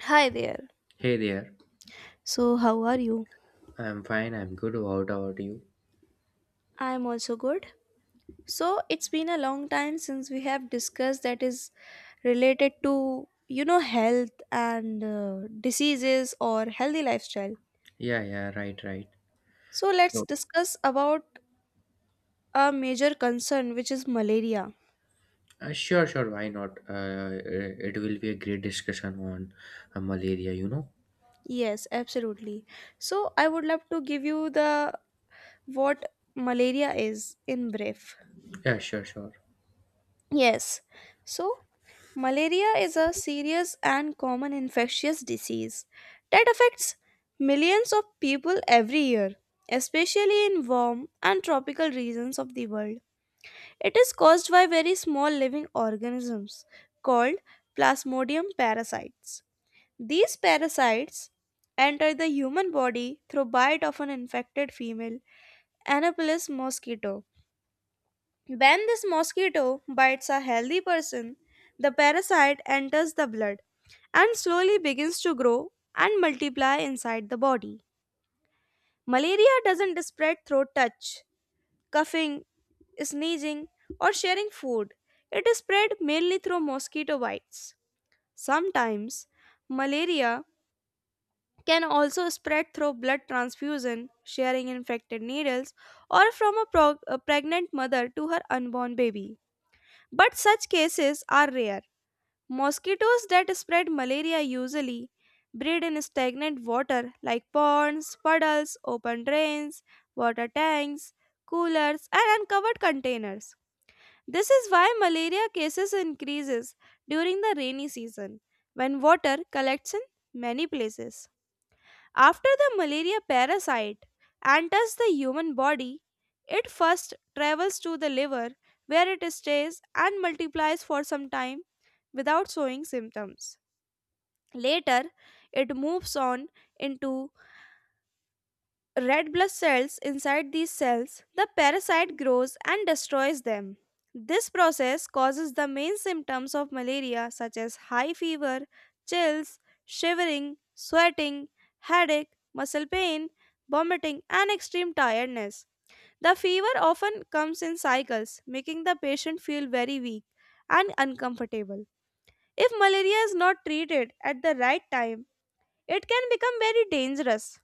Hi there. Hey there. So, how are you? I'm fine. I'm good. How about you? I'm also good. So, it's been a long time since we have discussed that is related to, you know, health and diseases or healthy lifestyle. Yeah, yeah, right, right. So, let's So, discuss about a major concern which is malaria. sure, sure. Why not? It will be a great discussion on malaria, you know? Yes, absolutely. So, I would love to give you the what malaria is in brief. Yeah, sure, sure. Yes. So, malaria is a serious and common infectious disease that affects millions of people every year, especially in warm and tropical regions of the world. It is caused by very small living organisms called plasmodium parasites. These parasites enter the human body through bite of an infected female Anopheles mosquito when this mosquito bites a healthy person, the parasite enters the blood and slowly begins to grow and multiply inside the body. Malaria doesn't spread through touch, coughing, sneezing, or sharing food. It is spread mainly through mosquito bites. Sometimes, malaria can also spread through blood transfusion, sharing infected needles, or from a pregnant mother to her unborn baby. But such cases are rare. Mosquitoes that spread malaria usually breed in stagnant water like ponds, puddles, open drains, water tanks, coolers, and uncovered containers. This is why malaria cases increases during the rainy season when water collects in many places. After the malaria parasite enters the human body, it first travels to the liver where it stays and multiplies for some time without showing symptoms. Later, it moves on into red blood cells inside these cells, the parasite grows and destroys them. This process causes the main symptoms of malaria, such as high fever, chills, shivering, sweating, headache, muscle pain, vomiting, and extreme tiredness. The fever often comes in cycles, making the patient feel very weak and uncomfortable. If malaria is not treated at the right time, it can become very dangerous.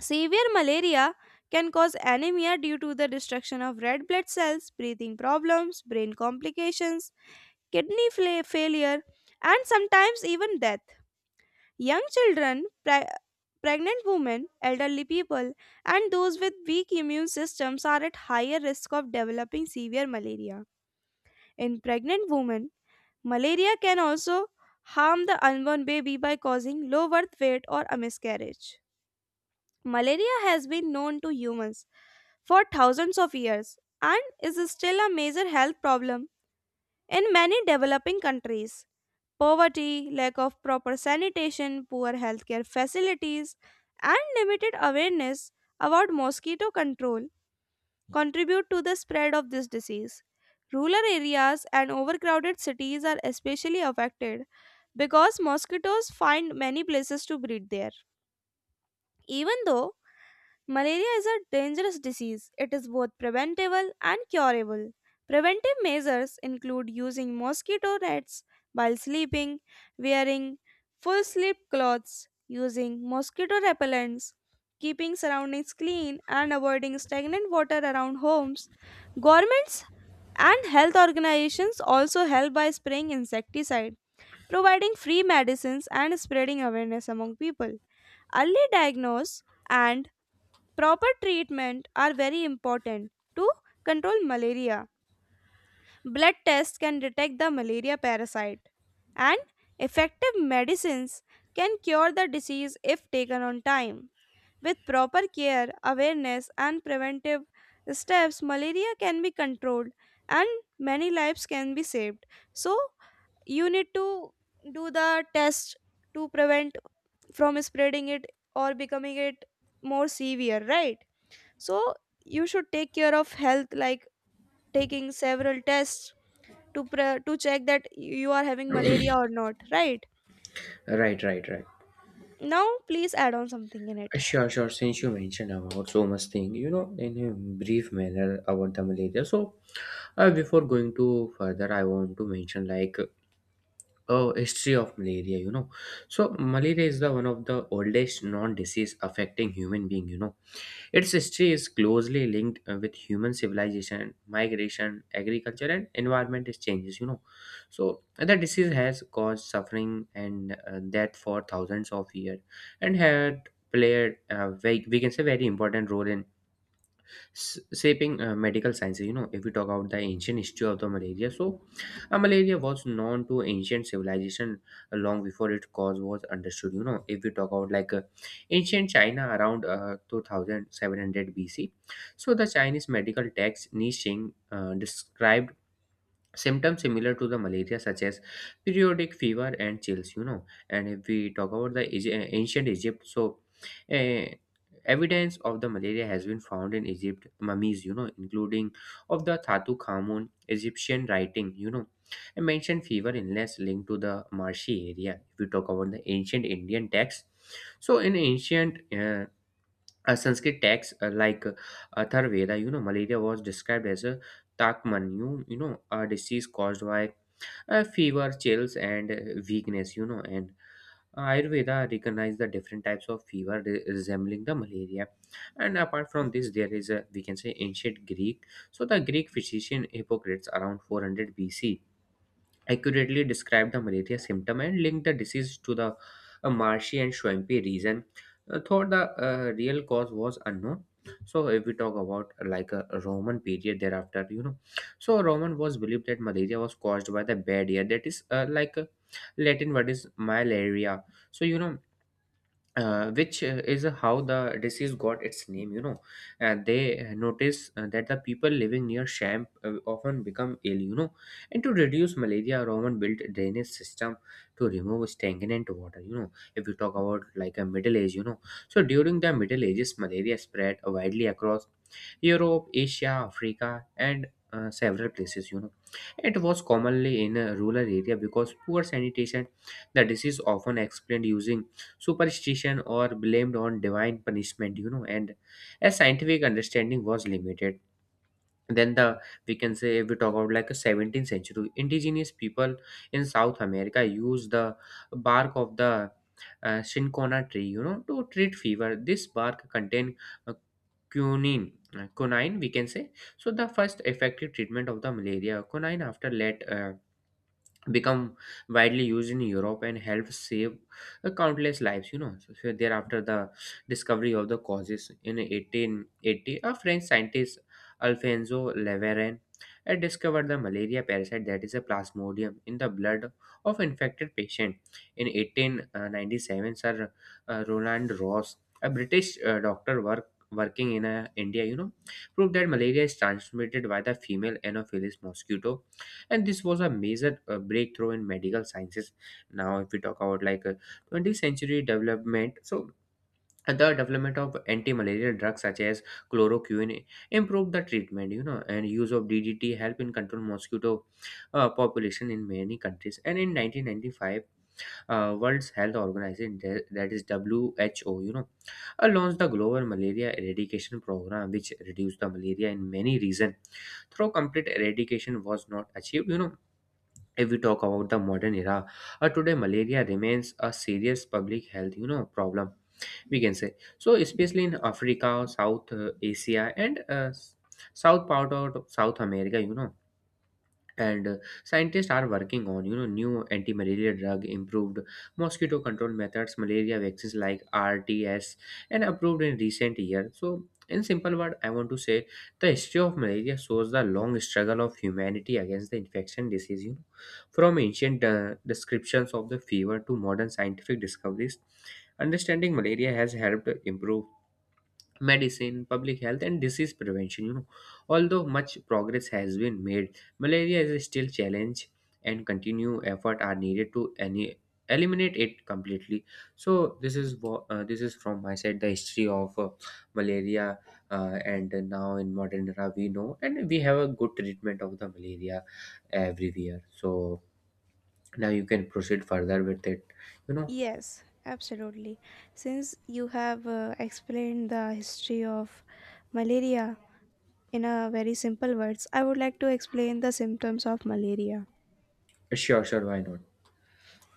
Severe malaria can cause anemia due to the destruction of red blood cells, breathing problems, brain complications, kidney failure, and sometimes even death. Young children, pregnant women, elderly people, and those with weak immune systems are at higher risk of developing severe malaria. In pregnant women, malaria can also harm the unborn baby by causing low birth weight or a miscarriage. Malaria has been known to humans for thousands of years and is still a major health problem in many developing countries. Poverty, lack of proper sanitation, poor healthcare facilities, and limited awareness about mosquito control contribute to the spread of this disease. Rural areas and overcrowded cities are especially affected because mosquitoes find many places to breed there. Even though malaria is a dangerous disease, it is both preventable and curable. Preventive measures include using mosquito nets while sleeping, wearing full sleep clothes, using mosquito repellents, keeping surroundings clean, and avoiding stagnant water around homes. Governments and health organizations also help by spraying insecticide, providing free medicines, and spreading awareness among people. Early diagnosis and proper treatment are very important to control malaria. Blood tests can detect the malaria parasite, and effective medicines can cure the disease if taken on time. With proper care, awareness, and preventive steps, malaria can be controlled and many lives can be saved. So, you need to do the test to prevent from spreading it or becoming it more severe, right? So you should take care of health like taking several tests to to check that you are having malaria or not, right Right, right, right. now please add on something in it. Sure, sure. Since you mentioned about so much thing, you know, in a brief manner about the malaria. So, before going to further, I want to mention like a history of malaria. You know, so malaria is the one of the oldest non-disease affecting human being. You know, its history is closely linked with human civilization, migration, agriculture, and environment changes. You know, so the disease has caused suffering and death for thousands of years, and had played a very, we can say very important role in shaping medical sciences. You know, if we talk about the ancient history of the malaria, so malaria was known to ancient civilization long before its cause was understood. You know, if we talk about like ancient China around 2700 BC, so the Chinese medical text Ni Xing described symptoms similar to the malaria such as periodic fever and chills, you know. And if we talk about the ancient Egypt, so uh, evidence of the malaria has been found in Egypt mummies, you know, including of the Thatu Khamun Egyptian writing, you know, I mentioned fever illness linked to the marshy area. If we talk about the ancient Indian text, so in ancient Sanskrit texts like Atharvaveda, you know, malaria was described as a Takman, you know, a disease caused by fever, chills, and weakness, you know. And Ayurveda recognized the different types of fever resembling the malaria. And apart from this, there is a, we can say, ancient Greek. So the Greek physician Hippocrates around 400 BC accurately described the malaria symptom and linked the disease to the marshy and swampy region, though the real cause was unknown. So, if we talk about like a Roman period thereafter, you know, so Roman was believed that malaria was caused by the bad air, that is like a Latin word is malaria. So, you know, which is how the disease got its name, you know, and they notice that the people living near sham often become ill, you know, and to reduce malaria Roman built a drainage system to remove stagnant water, you know. If you talk about like a middle age, you know, so during the middle ages malaria spread widely across Europe, Asia, Africa, and several places. You know, it was commonly in a rural area because poor sanitation. The disease often explained using superstition or blamed on divine punishment, you know, and as scientific understanding was limited, then the, we can say, if we talk about like a 17th century indigenous people in South America used the bark of the cinchona tree, you know, to treat fever. This bark contained uh, quinine, quinine, we can say. So the first effective treatment of the malaria quinine after let become widely used in Europe and helped save countless lives. You know, so, so thereafter the discovery of the causes in 1880, a French scientist Alfonso Leverin had discovered the malaria parasite, that is a plasmodium, in the blood of infected patient. In 1897, Sir Roland Ross, a British doctor, working in India, you know, proved that malaria is transmitted by the female Anopheles mosquito, and this was a major breakthrough in medical sciences. Now if we talk about like 20th century development, so the development of anti-malarial drugs such as chloroquine improved the treatment, you know, and use of DDT help in control mosquito population in many countries. And in 1995, world's health organization, that is WHO, you know, launched the global malaria eradication program which reduced the malaria in many regions, though complete eradication was not achieved, you know. If we talk about the modern era, today malaria remains a serious public health, you know, problem, we can say, so especially in Africa, South Asia, and south part of South America, you know. And scientists are working on, you know, new anti-malaria drug, improved mosquito control methods, malaria vaccines like RTS, and approved in recent years. So in simple word I want to say the history of malaria shows the long struggle of humanity against the infection disease, you know, from ancient descriptions of the fever to modern scientific discoveries. Understanding malaria has helped improve medicine, public health, and disease prevention. You know, although much progress has been made, malaria is still challenge, and continue effort are needed to any eliminate it completely. So this is this is from my side the history of malaria, and now in modern era we know, and we have a good treatment of the malaria everywhere. So now you can proceed further with it. You know, Yes, absolutely. Since you have explained the history of malaria in a very simple words, I would like to explain the symptoms of malaria. sure, sure, why not?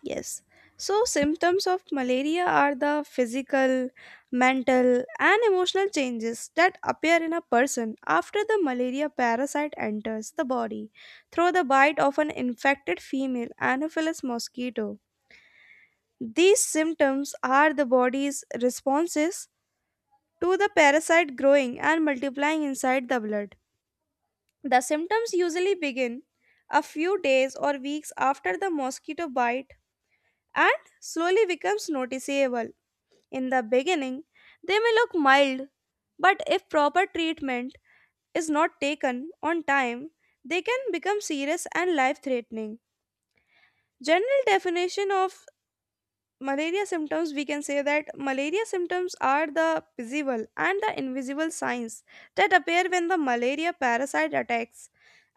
Yes. So, symptoms of malaria are the physical, mental, and emotional changes that appear in a person after the malaria parasite enters the body through the bite of an infected female Anopheles mosquito. These symptoms are the body's responses to the parasite growing and multiplying inside the blood. The symptoms usually begin a few days or weeks after the mosquito bite and slowly becomes noticeable. In the beginning, they may look mild, but if proper treatment is not taken on time, they can become serious and life threatening. General definition of malaria symptoms, we can say that malaria symptoms are the visible and the invisible signs that appear when the malaria parasite attacks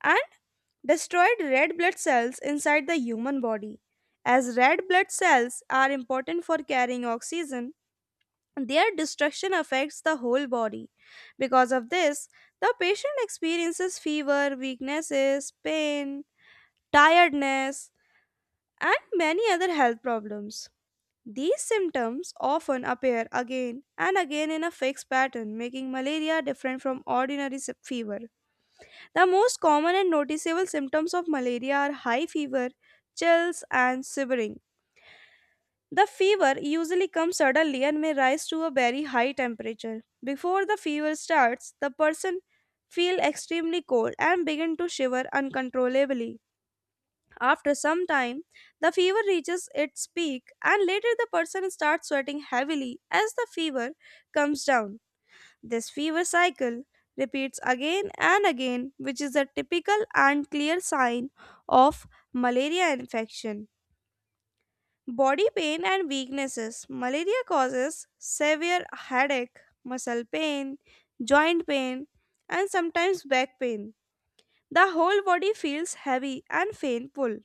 and destroyed red blood cells inside the human body. As red blood cells are important for carrying oxygen, their destruction affects the whole body. Because of this, the patient experiences fever, weaknesses, pain, tiredness, and many other health problems. These symptoms often appear again and again in a fixed pattern, making malaria different from ordinary fever. The most common and noticeable symptoms of malaria are high fever, chills, and shivering. The fever usually comes suddenly and may rise to a very high temperature. Before the fever starts, the person feels extremely cold and begin to shiver uncontrollably. After some time, the fever reaches its peak and later the person starts sweating heavily as the fever comes down. This fever cycle repeats again and again, which is a typical and clear sign of malaria infection. Body pain and weaknesses. Malaria causes severe headache, muscle pain, joint pain, and sometimes back pain. The whole body feels heavy and painful.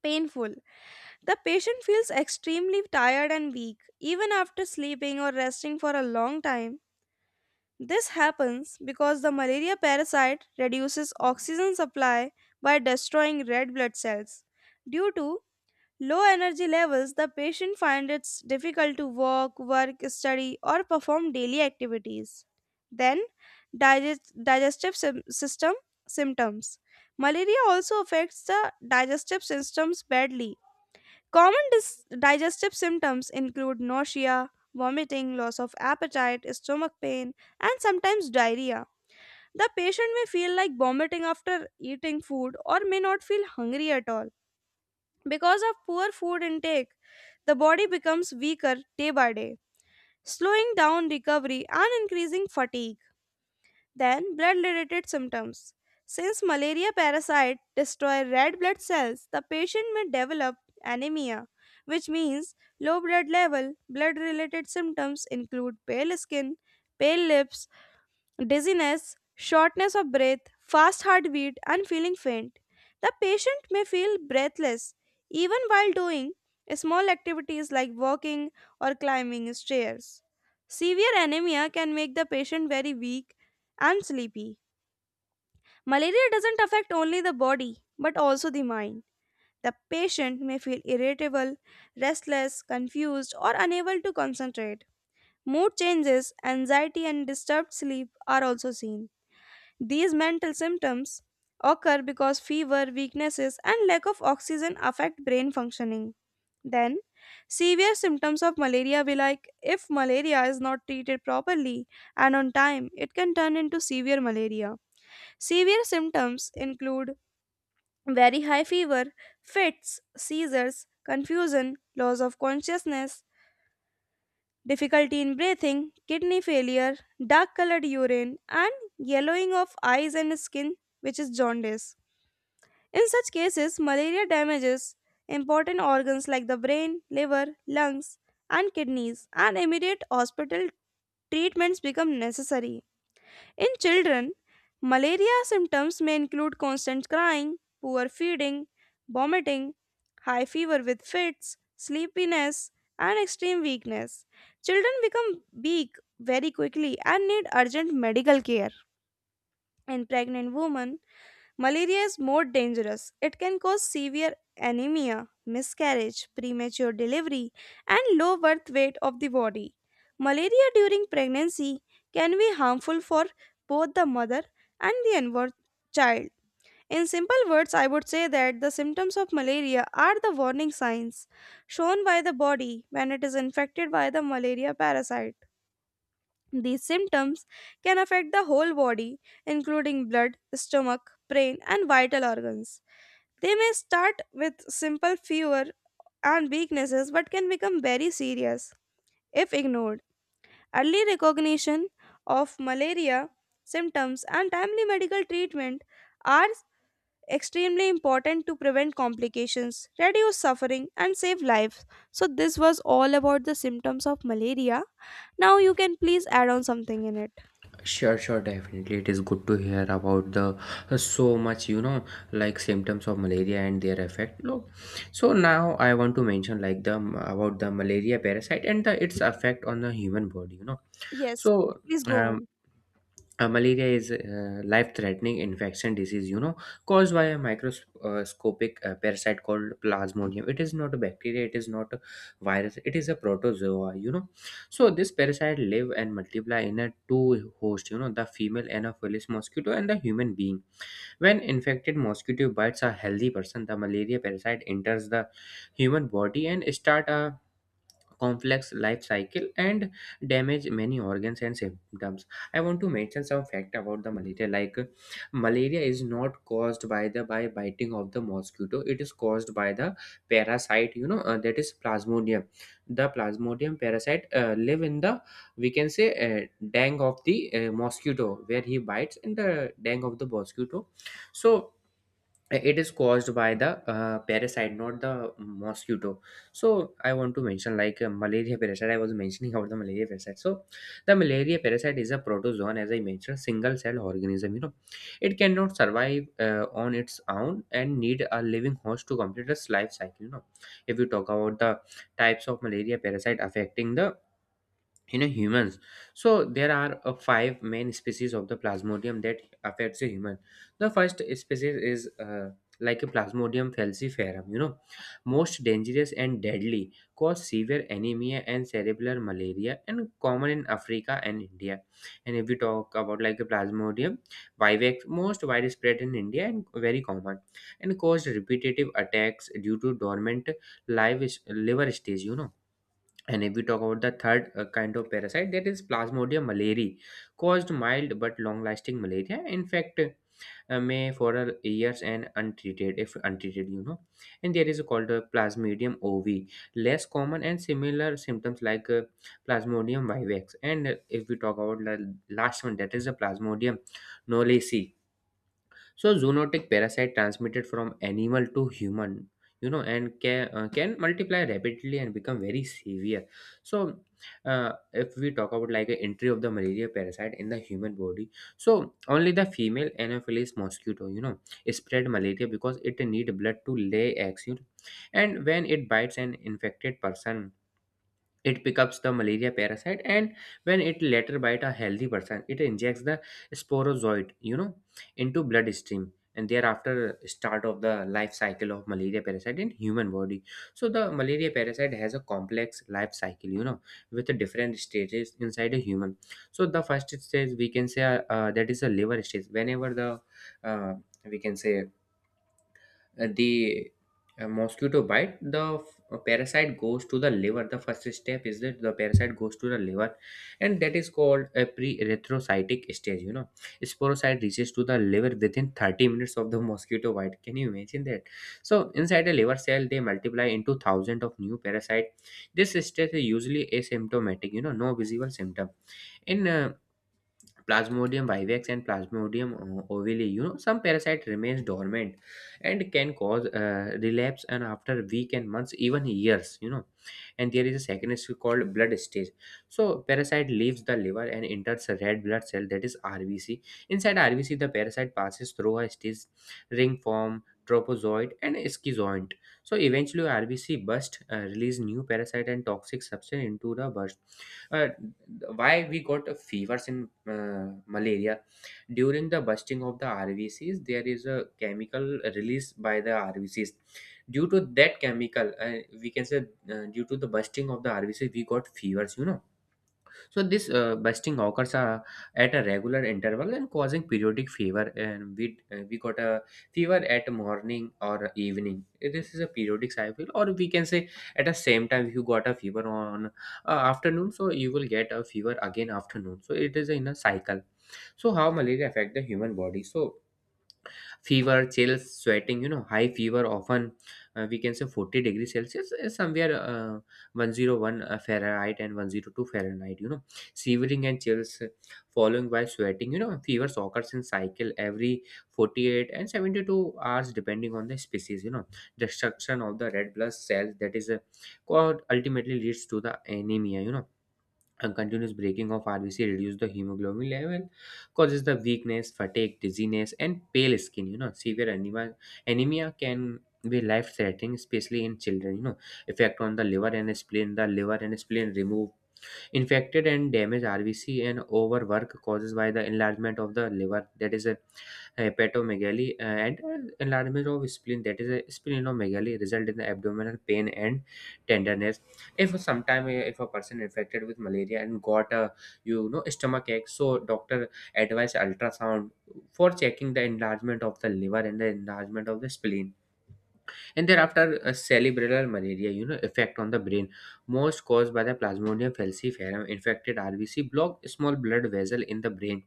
Painful. The patient feels extremely tired and weak, even after sleeping or resting for a long time. This happens because the malaria parasite reduces oxygen supply by destroying red blood cells. Due to low energy levels, the patient finds it difficult to walk, work, study, or perform daily activities. Then, digestive system symptoms. Malaria also affects the digestive systems badly. Common digestive symptoms include nausea, vomiting, loss of appetite, stomach pain, and sometimes diarrhea. The patient may feel like vomiting after eating food or may not feel hungry at all. Because of poor food intake, the body becomes weaker day by day, slowing down recovery and increasing fatigue. Then, blood related symptoms. Since malaria parasite destroy red blood cells, the patient may develop anemia, which means low blood level. Blood related symptoms include pale skin, pale lips, dizziness, shortness of breath, fast heartbeat, and feeling faint. The patient may feel breathless even while doing small activities like walking or climbing stairs. Severe anemia can make the patient very weak and sleepy. Malaria doesn't affect only the body but also the mind. The patient may feel irritable, restless, confused, or unable to concentrate. Mood changes, anxiety, and disturbed sleep are also seen. These mental symptoms occur because fever, weaknesses, and lack of oxygen affect brain functioning. Then, severe symptoms of malaria will like if malaria is not treated properly and on time, it can turn into severe malaria. Severe symptoms include very high fever, fits, seizures, confusion, loss of consciousness, difficulty in breathing, kidney failure, dark colored urine, and yellowing of eyes and skin, which is jaundice. In such cases, malaria damages important organs like the brain, liver, lungs, and kidneys, and immediate hospital treatments become necessary. In children, malaria symptoms may include constant crying, poor feeding, vomiting, high fever with fits, sleepiness, and extreme weakness. Children become weak very quickly and need urgent medical care. In pregnant women, malaria is more dangerous. It can cause severe anemia, miscarriage, premature delivery, and low birth weight of the body. Malaria during pregnancy can be harmful for both the mother and the unborn child. In simple words, I would say that the symptoms of malaria are the warning signs shown by the body when it is infected by the malaria parasite. These symptoms can affect the whole body, including blood, stomach, brain, and vital organs. They may start with simple fever and weaknesses but can become very serious if ignored. Early recognition of malaria symptoms and timely medical treatment are extremely important to prevent complications, reduce suffering, and save lives. So, this was all about the symptoms of malaria. Now, you can please add on something in it. Sure, sure, definitely. It is good to hear about the so much, you know, like symptoms of malaria and their effect. Look, so now I want to mention like the about the malaria parasite and the its effect on the human body. You know, Yes, so please go um, on. Malaria is a life-threatening infection disease, you know, caused by a microscopic parasite called Plasmodium. It is not a bacteria, it is not a virus, it is a protozoa, you know. So this parasite live and multiply in a two host, you know, the female Anopheles mosquito and the human being. When infected mosquito bites a healthy person, the malaria parasite enters the human body and start a complex life cycle and damage many organs and symptoms. I want to mention some fact about the malaria like malaria is not caused by the by biting of the mosquito, it is caused by the parasite, you know, that is plasmodium. The plasmodium parasite live in the, we can say, dang of the mosquito, where he bites, in the dang of the mosquito. So it is caused by the parasite, not the mosquito. So I want to mention like malaria parasite. I was mentioning about the malaria parasite. So the malaria parasite is a protozoan, as I mentioned, single cell organism, you know. It cannot survive on its own and need a living host to complete its life cycle, you know. If you talk about the types of malaria parasite affecting the, you know, humans, so there are five main species of the plasmodium that affects a human. The first species is like a Plasmodium falciparum, you know, most dangerous and deadly, cause severe anemia and cerebral malaria, and common in Africa and India. And if we talk about like a Plasmodium vivax, most widespread in India and very common, and caused repetitive attacks due to dormant live liver stage, you know. And if we talk about the third kind of parasite, that is Plasmodium malariae, caused mild but long-lasting malaria. In fact, may for years and untreated, if untreated, you know. And there is called Plasmodium ovi, less common and similar symptoms like Plasmodium vivax. And if we talk about the last one, that is the Plasmodium knowlesi, so zoonotic parasite transmitted from animal to human, you know, and can multiply rapidly and become very severe. So if we talk about like an entry of the malaria parasite in the human body, so only the female Anopheles mosquito, you know, spread malaria because it need blood to lay eggs, you know. And when it bites an infected person, it picks up the malaria parasite, and when it later bite a healthy person, it injects the sporozoid, you know, into bloodstream, and thereafter start of the life cycle of malaria parasite in human body. So the malaria parasite has a complex life cycle, you know, with the different stages inside a human. So the first stage, we can say, that is a liver stage. Whenever the, uh, we can say the mosquito bite the parasite goes to the liver, the first step is that the parasite goes to the liver, and that is called a pre-erythrocytic stage, you know. Sporocyte reaches to the liver within 30 minutes of the mosquito bite, can you imagine that? So inside a liver cell they multiply into thousands of new parasite. This stage is usually asymptomatic, you know, no visible symptom in Plasmodium vivax and Plasmodium ovale. You know, some parasite remains dormant and can cause relapse and after week and months, even years. You know, and there is a second stage called blood stage. So parasite leaves the liver and enters a red blood cell, that is RBC. Inside RBC, the parasite passes through a stage: ring form, tropozoid, and schizoid. So eventually, RBC burst, release new parasite and toxic substance into the burst. uh, why we got a fevers in malaria? During the bursting of the rvcs, there is a chemical released by the rvcs. Due to that chemical, we can say, due to the bursting of the rvcs, we got fevers, you know. So this bursting occurs at a regular interval and causing periodic fever. And we got a fever at morning or evening. This is a periodic cycle, or we can say at the same time, if you got a fever on afternoon, so you will get a fever again afternoon. So it is in a cycle. So how malaria affect the human body? So fever, chills, sweating, you know, high fever, often we can say 40 degrees Celsius, is somewhere 101 Fahrenheit and 102 Fahrenheit, you know, shivering and chills, following by sweating, you know, fevers occurs in cycle every 48 and 72 hours, depending on the species, you know, destruction of the red blood cells, that is called, ultimately leads to the anemia, you know, a continuous breaking of RBC reduces the hemoglobin level, causes the weakness, fatigue, dizziness, and pale skin. You know, severe anemia, anemia can be life-threatening, especially in children. You know, effect on the liver and spleen. The liver and spleen remove infected and damaged RBC, and overwork causes by the enlargement of the liver, that is a hepatomegaly, and enlargement of spleen, that is a splenomegaly, result in the abdominal pain and tenderness. If sometime if a person infected with malaria and got a, you know, stomach ache, so doctor advise ultrasound for checking the enlargement of the liver and the enlargement of the spleen. And thereafter, a cerebral malaria, you know, effect on the brain, most caused by the Plasmodium falciparum, infected rvc block small blood vessel in the brain.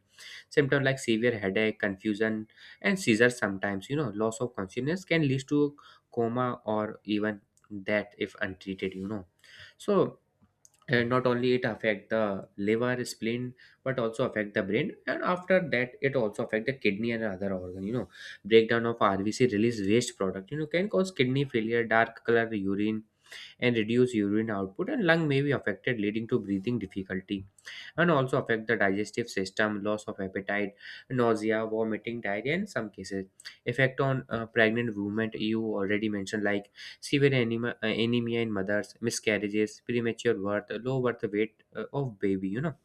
Symptoms like severe headache, confusion, and seizures, sometimes, you know, loss of consciousness, can lead to coma or even death if untreated, you know. So, and not only it affect the liver, spleen, but also affect the brain, and after that it also affect the kidney and other organ, you know. Breakdown of rvc release waste product, you know, can cause kidney failure, dark color urine, and reduce urine output, and lung may be affected, leading to breathing difficulty. And also affect the digestive system: loss of appetite, nausea, vomiting, diarrhea in some cases. Effect on pregnant women, you already mentioned, like severe anemia in mothers, miscarriages, premature birth, low birth weight of baby, you know.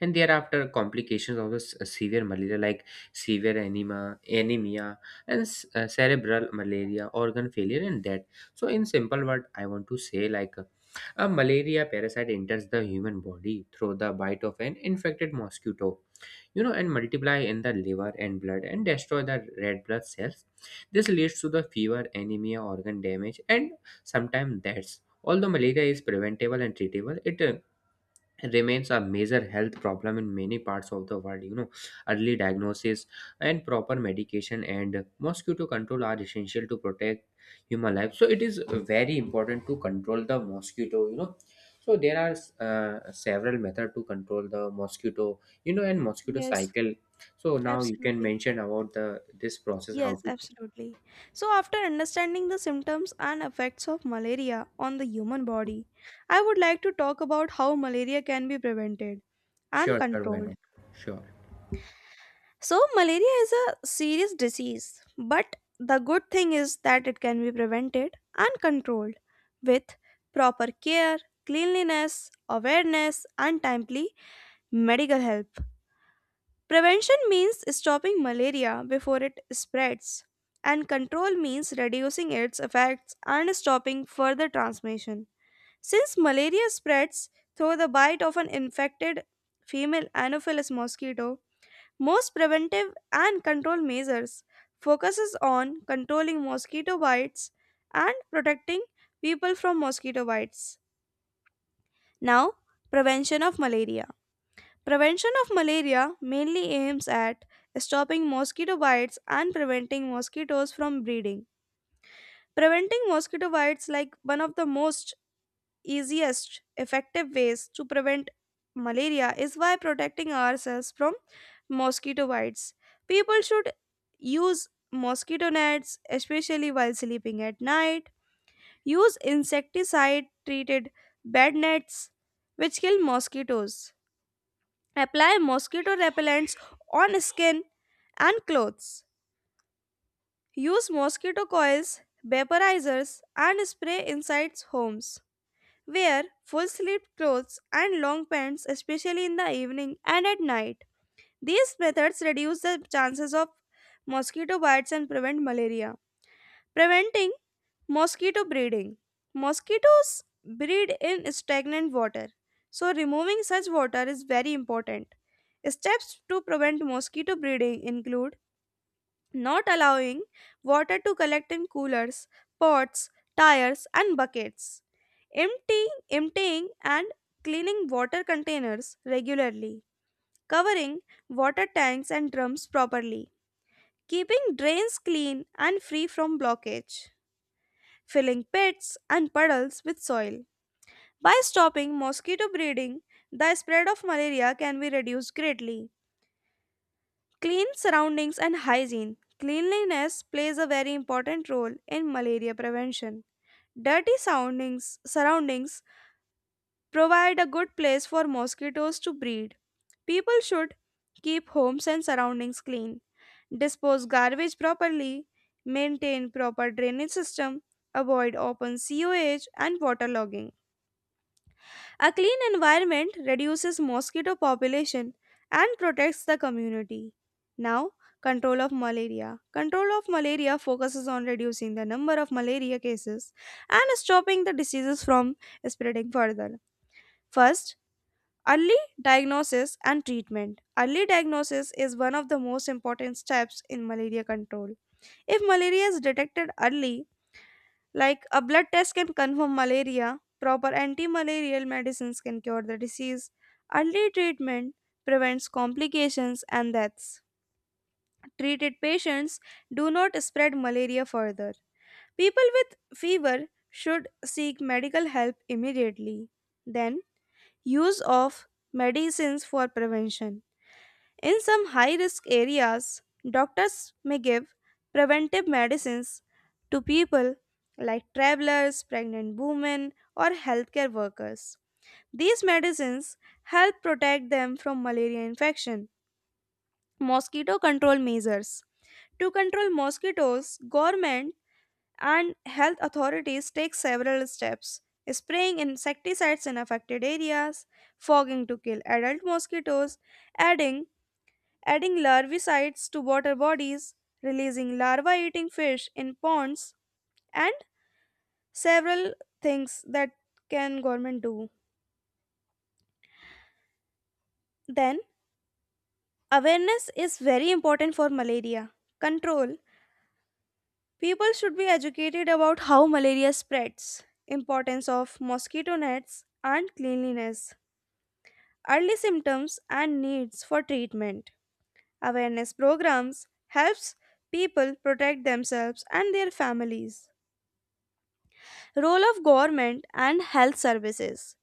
And thereafter, complications of the severe malaria, like severe anemia, anemia, and cerebral malaria, organ failure, and death. So in simple word, I want to say, like, a malaria parasite enters the human body through the bite of an infected mosquito, you know, and multiply in the liver and blood and destroy the red blood cells. This leads to the fever, anemia, organ damage, and sometimes deaths. Although malaria is preventable and treatable, it remains a major health problem in many parts of the world, you know. Early diagnosis and proper medication and mosquito control are essential to protect human life. So it is very important to control the mosquito, you know. So there are several methods to control the mosquito, you know, and mosquito Yes, cycle. So now you can absolutely. mention about the this process how Yes, to. absolutely. So, after understanding the symptoms and effects of malaria on the human body, I would like to talk about how malaria can be prevented and Sure, sure, why controlled. not? Sure. So, malaria is a serious disease, but the good thing is that it can be prevented and controlled with proper care, cleanliness, awareness, and timely medical help. Prevention means stopping malaria before it spreads, and control means reducing its effects and stopping further transmission. Since malaria spreads through the bite of an infected female Anopheles mosquito, most preventive and control measures focuses on controlling mosquito bites and protecting people from mosquito bites. Now, prevention of malaria. Prevention of malaria mainly aims at stopping mosquito bites and preventing mosquitoes from breeding. Preventing mosquito bites like one of the most easiest effective ways to prevent malaria is by protecting ourselves from mosquito bites. People should use mosquito nets especially while sleeping at night. Use insecticide treated bed nets which kill mosquitoes. Apply mosquito repellents on skin and clothes. Use mosquito coils, vaporizers, and spray inside homes. Wear full sleeved clothes and long pants, especially in the evening and at night. These methods reduce the chances of mosquito bites and prevent malaria. Preventing mosquito breeding. Mosquitoes breed in stagnant water, so removing such water is very important. Steps to prevent mosquito breeding include not allowing water to collect in coolers, pots, tires, and buckets, emptying and cleaning water containers regularly, covering water tanks and drums properly, keeping drains clean and free from blockage, filling pits and puddles with soil. By stopping mosquito breeding, the spread of malaria can be reduced greatly. Clean surroundings and hygiene. Cleanliness plays a very important role in malaria prevention. Surroundings provide a good place for mosquitoes to breed. People should keep homes and surroundings clean, dispose garbage properly, maintain proper drainage system, avoid open sewage and water logging. A clean environment reduces mosquito population and protects the community. Now, control of malaria. Control of malaria focuses on reducing the number of malaria cases and stopping the diseases from spreading further. First, early diagnosis and treatment. Early diagnosis is one of the most important steps in malaria control. If malaria is detected early, like a blood test can confirm malaria, proper anti malarial medicines can cure the disease, early treatment prevents complications and deaths. Treated patients do not spread malaria further. People with fever should seek medical help immediately. Then, use of medicines for prevention. In some high risk areas, doctors may give preventive medicines to people like travelers, pregnant women, or healthcare workers. These medicines help protect them from malaria infection. Mosquito control measures. To control mosquitoes, government and health authorities take several steps. Spraying insecticides in affected areas, fogging to kill adult mosquitoes, adding adding larvicides to water bodies, releasing larvae eating fish in ponds, and several things that can government do. Then, awareness is very important for malaria control. People should be educated about how malaria spreads, importance of mosquito nets, and cleanliness, early symptoms and needs for treatment. Awareness programs helps people protect themselves and their families. Role of government and health services.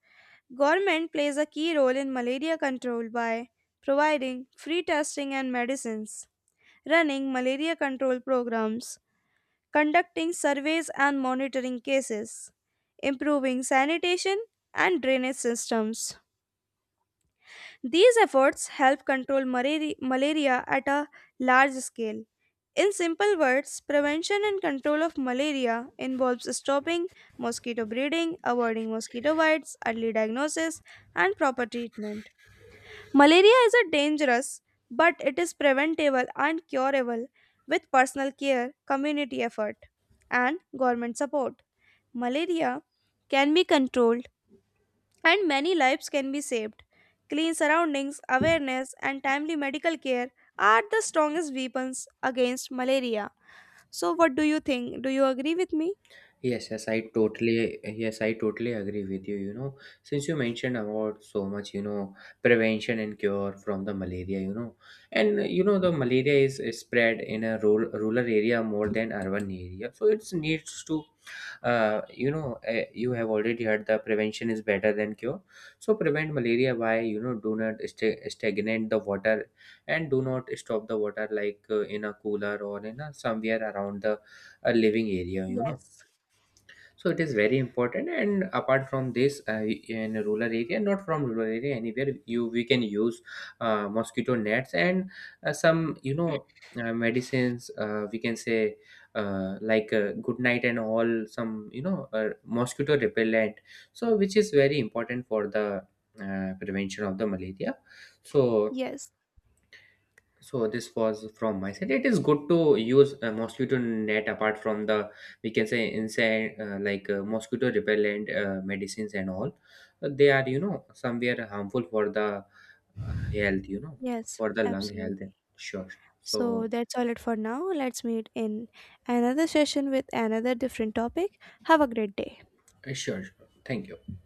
Government plays a key role in malaria control by providing free testing and medicines, running malaria control programs, conducting surveys and monitoring cases, improving sanitation and drainage systems. These efforts help control malaria at a large scale. In simple words, prevention and control of malaria involves stopping mosquito breeding, avoiding mosquito bites, early diagnosis, and proper treatment. Malaria is a dangerous, but it is preventable and curable with personal care, community effort, and government support. Malaria can be controlled and many lives can be saved. Clean surroundings, awareness, and timely medical care are the strongest weapons against malaria. So what do you think? Do you agree with me? Yes, yes, I totally agree with you. You know, since you mentioned about so much, you know, prevention and cure from the malaria, you know, and you know, the malaria is spread in a rural area more than urban area. So it needs to, you know, you have already heard the prevention is better than cure. So prevent malaria by, you know, do not stagnate the water and do not stop the water, like in a cooler or in a somewhere around the living area, you know. Yes. So it is very important, and apart from this, in a rural area, not from rural area, anywhere you, we can use mosquito nets, and some, you know, medicines, we can say, like Good Night and all, some, you know, mosquito repellent, so which is very important for the prevention of the malaria. So, Yes. so this was from my side. It is good to use a mosquito net apart from the, we can say, inside like mosquito repellent medicines and all. They are, you know, somewhere harmful for the health, you know, Yes. for the lung health. Absolutely. Sure. So So that's all it for now. Let's meet in another session with another different topic. Have a great day. Sure. Sure. Thank you.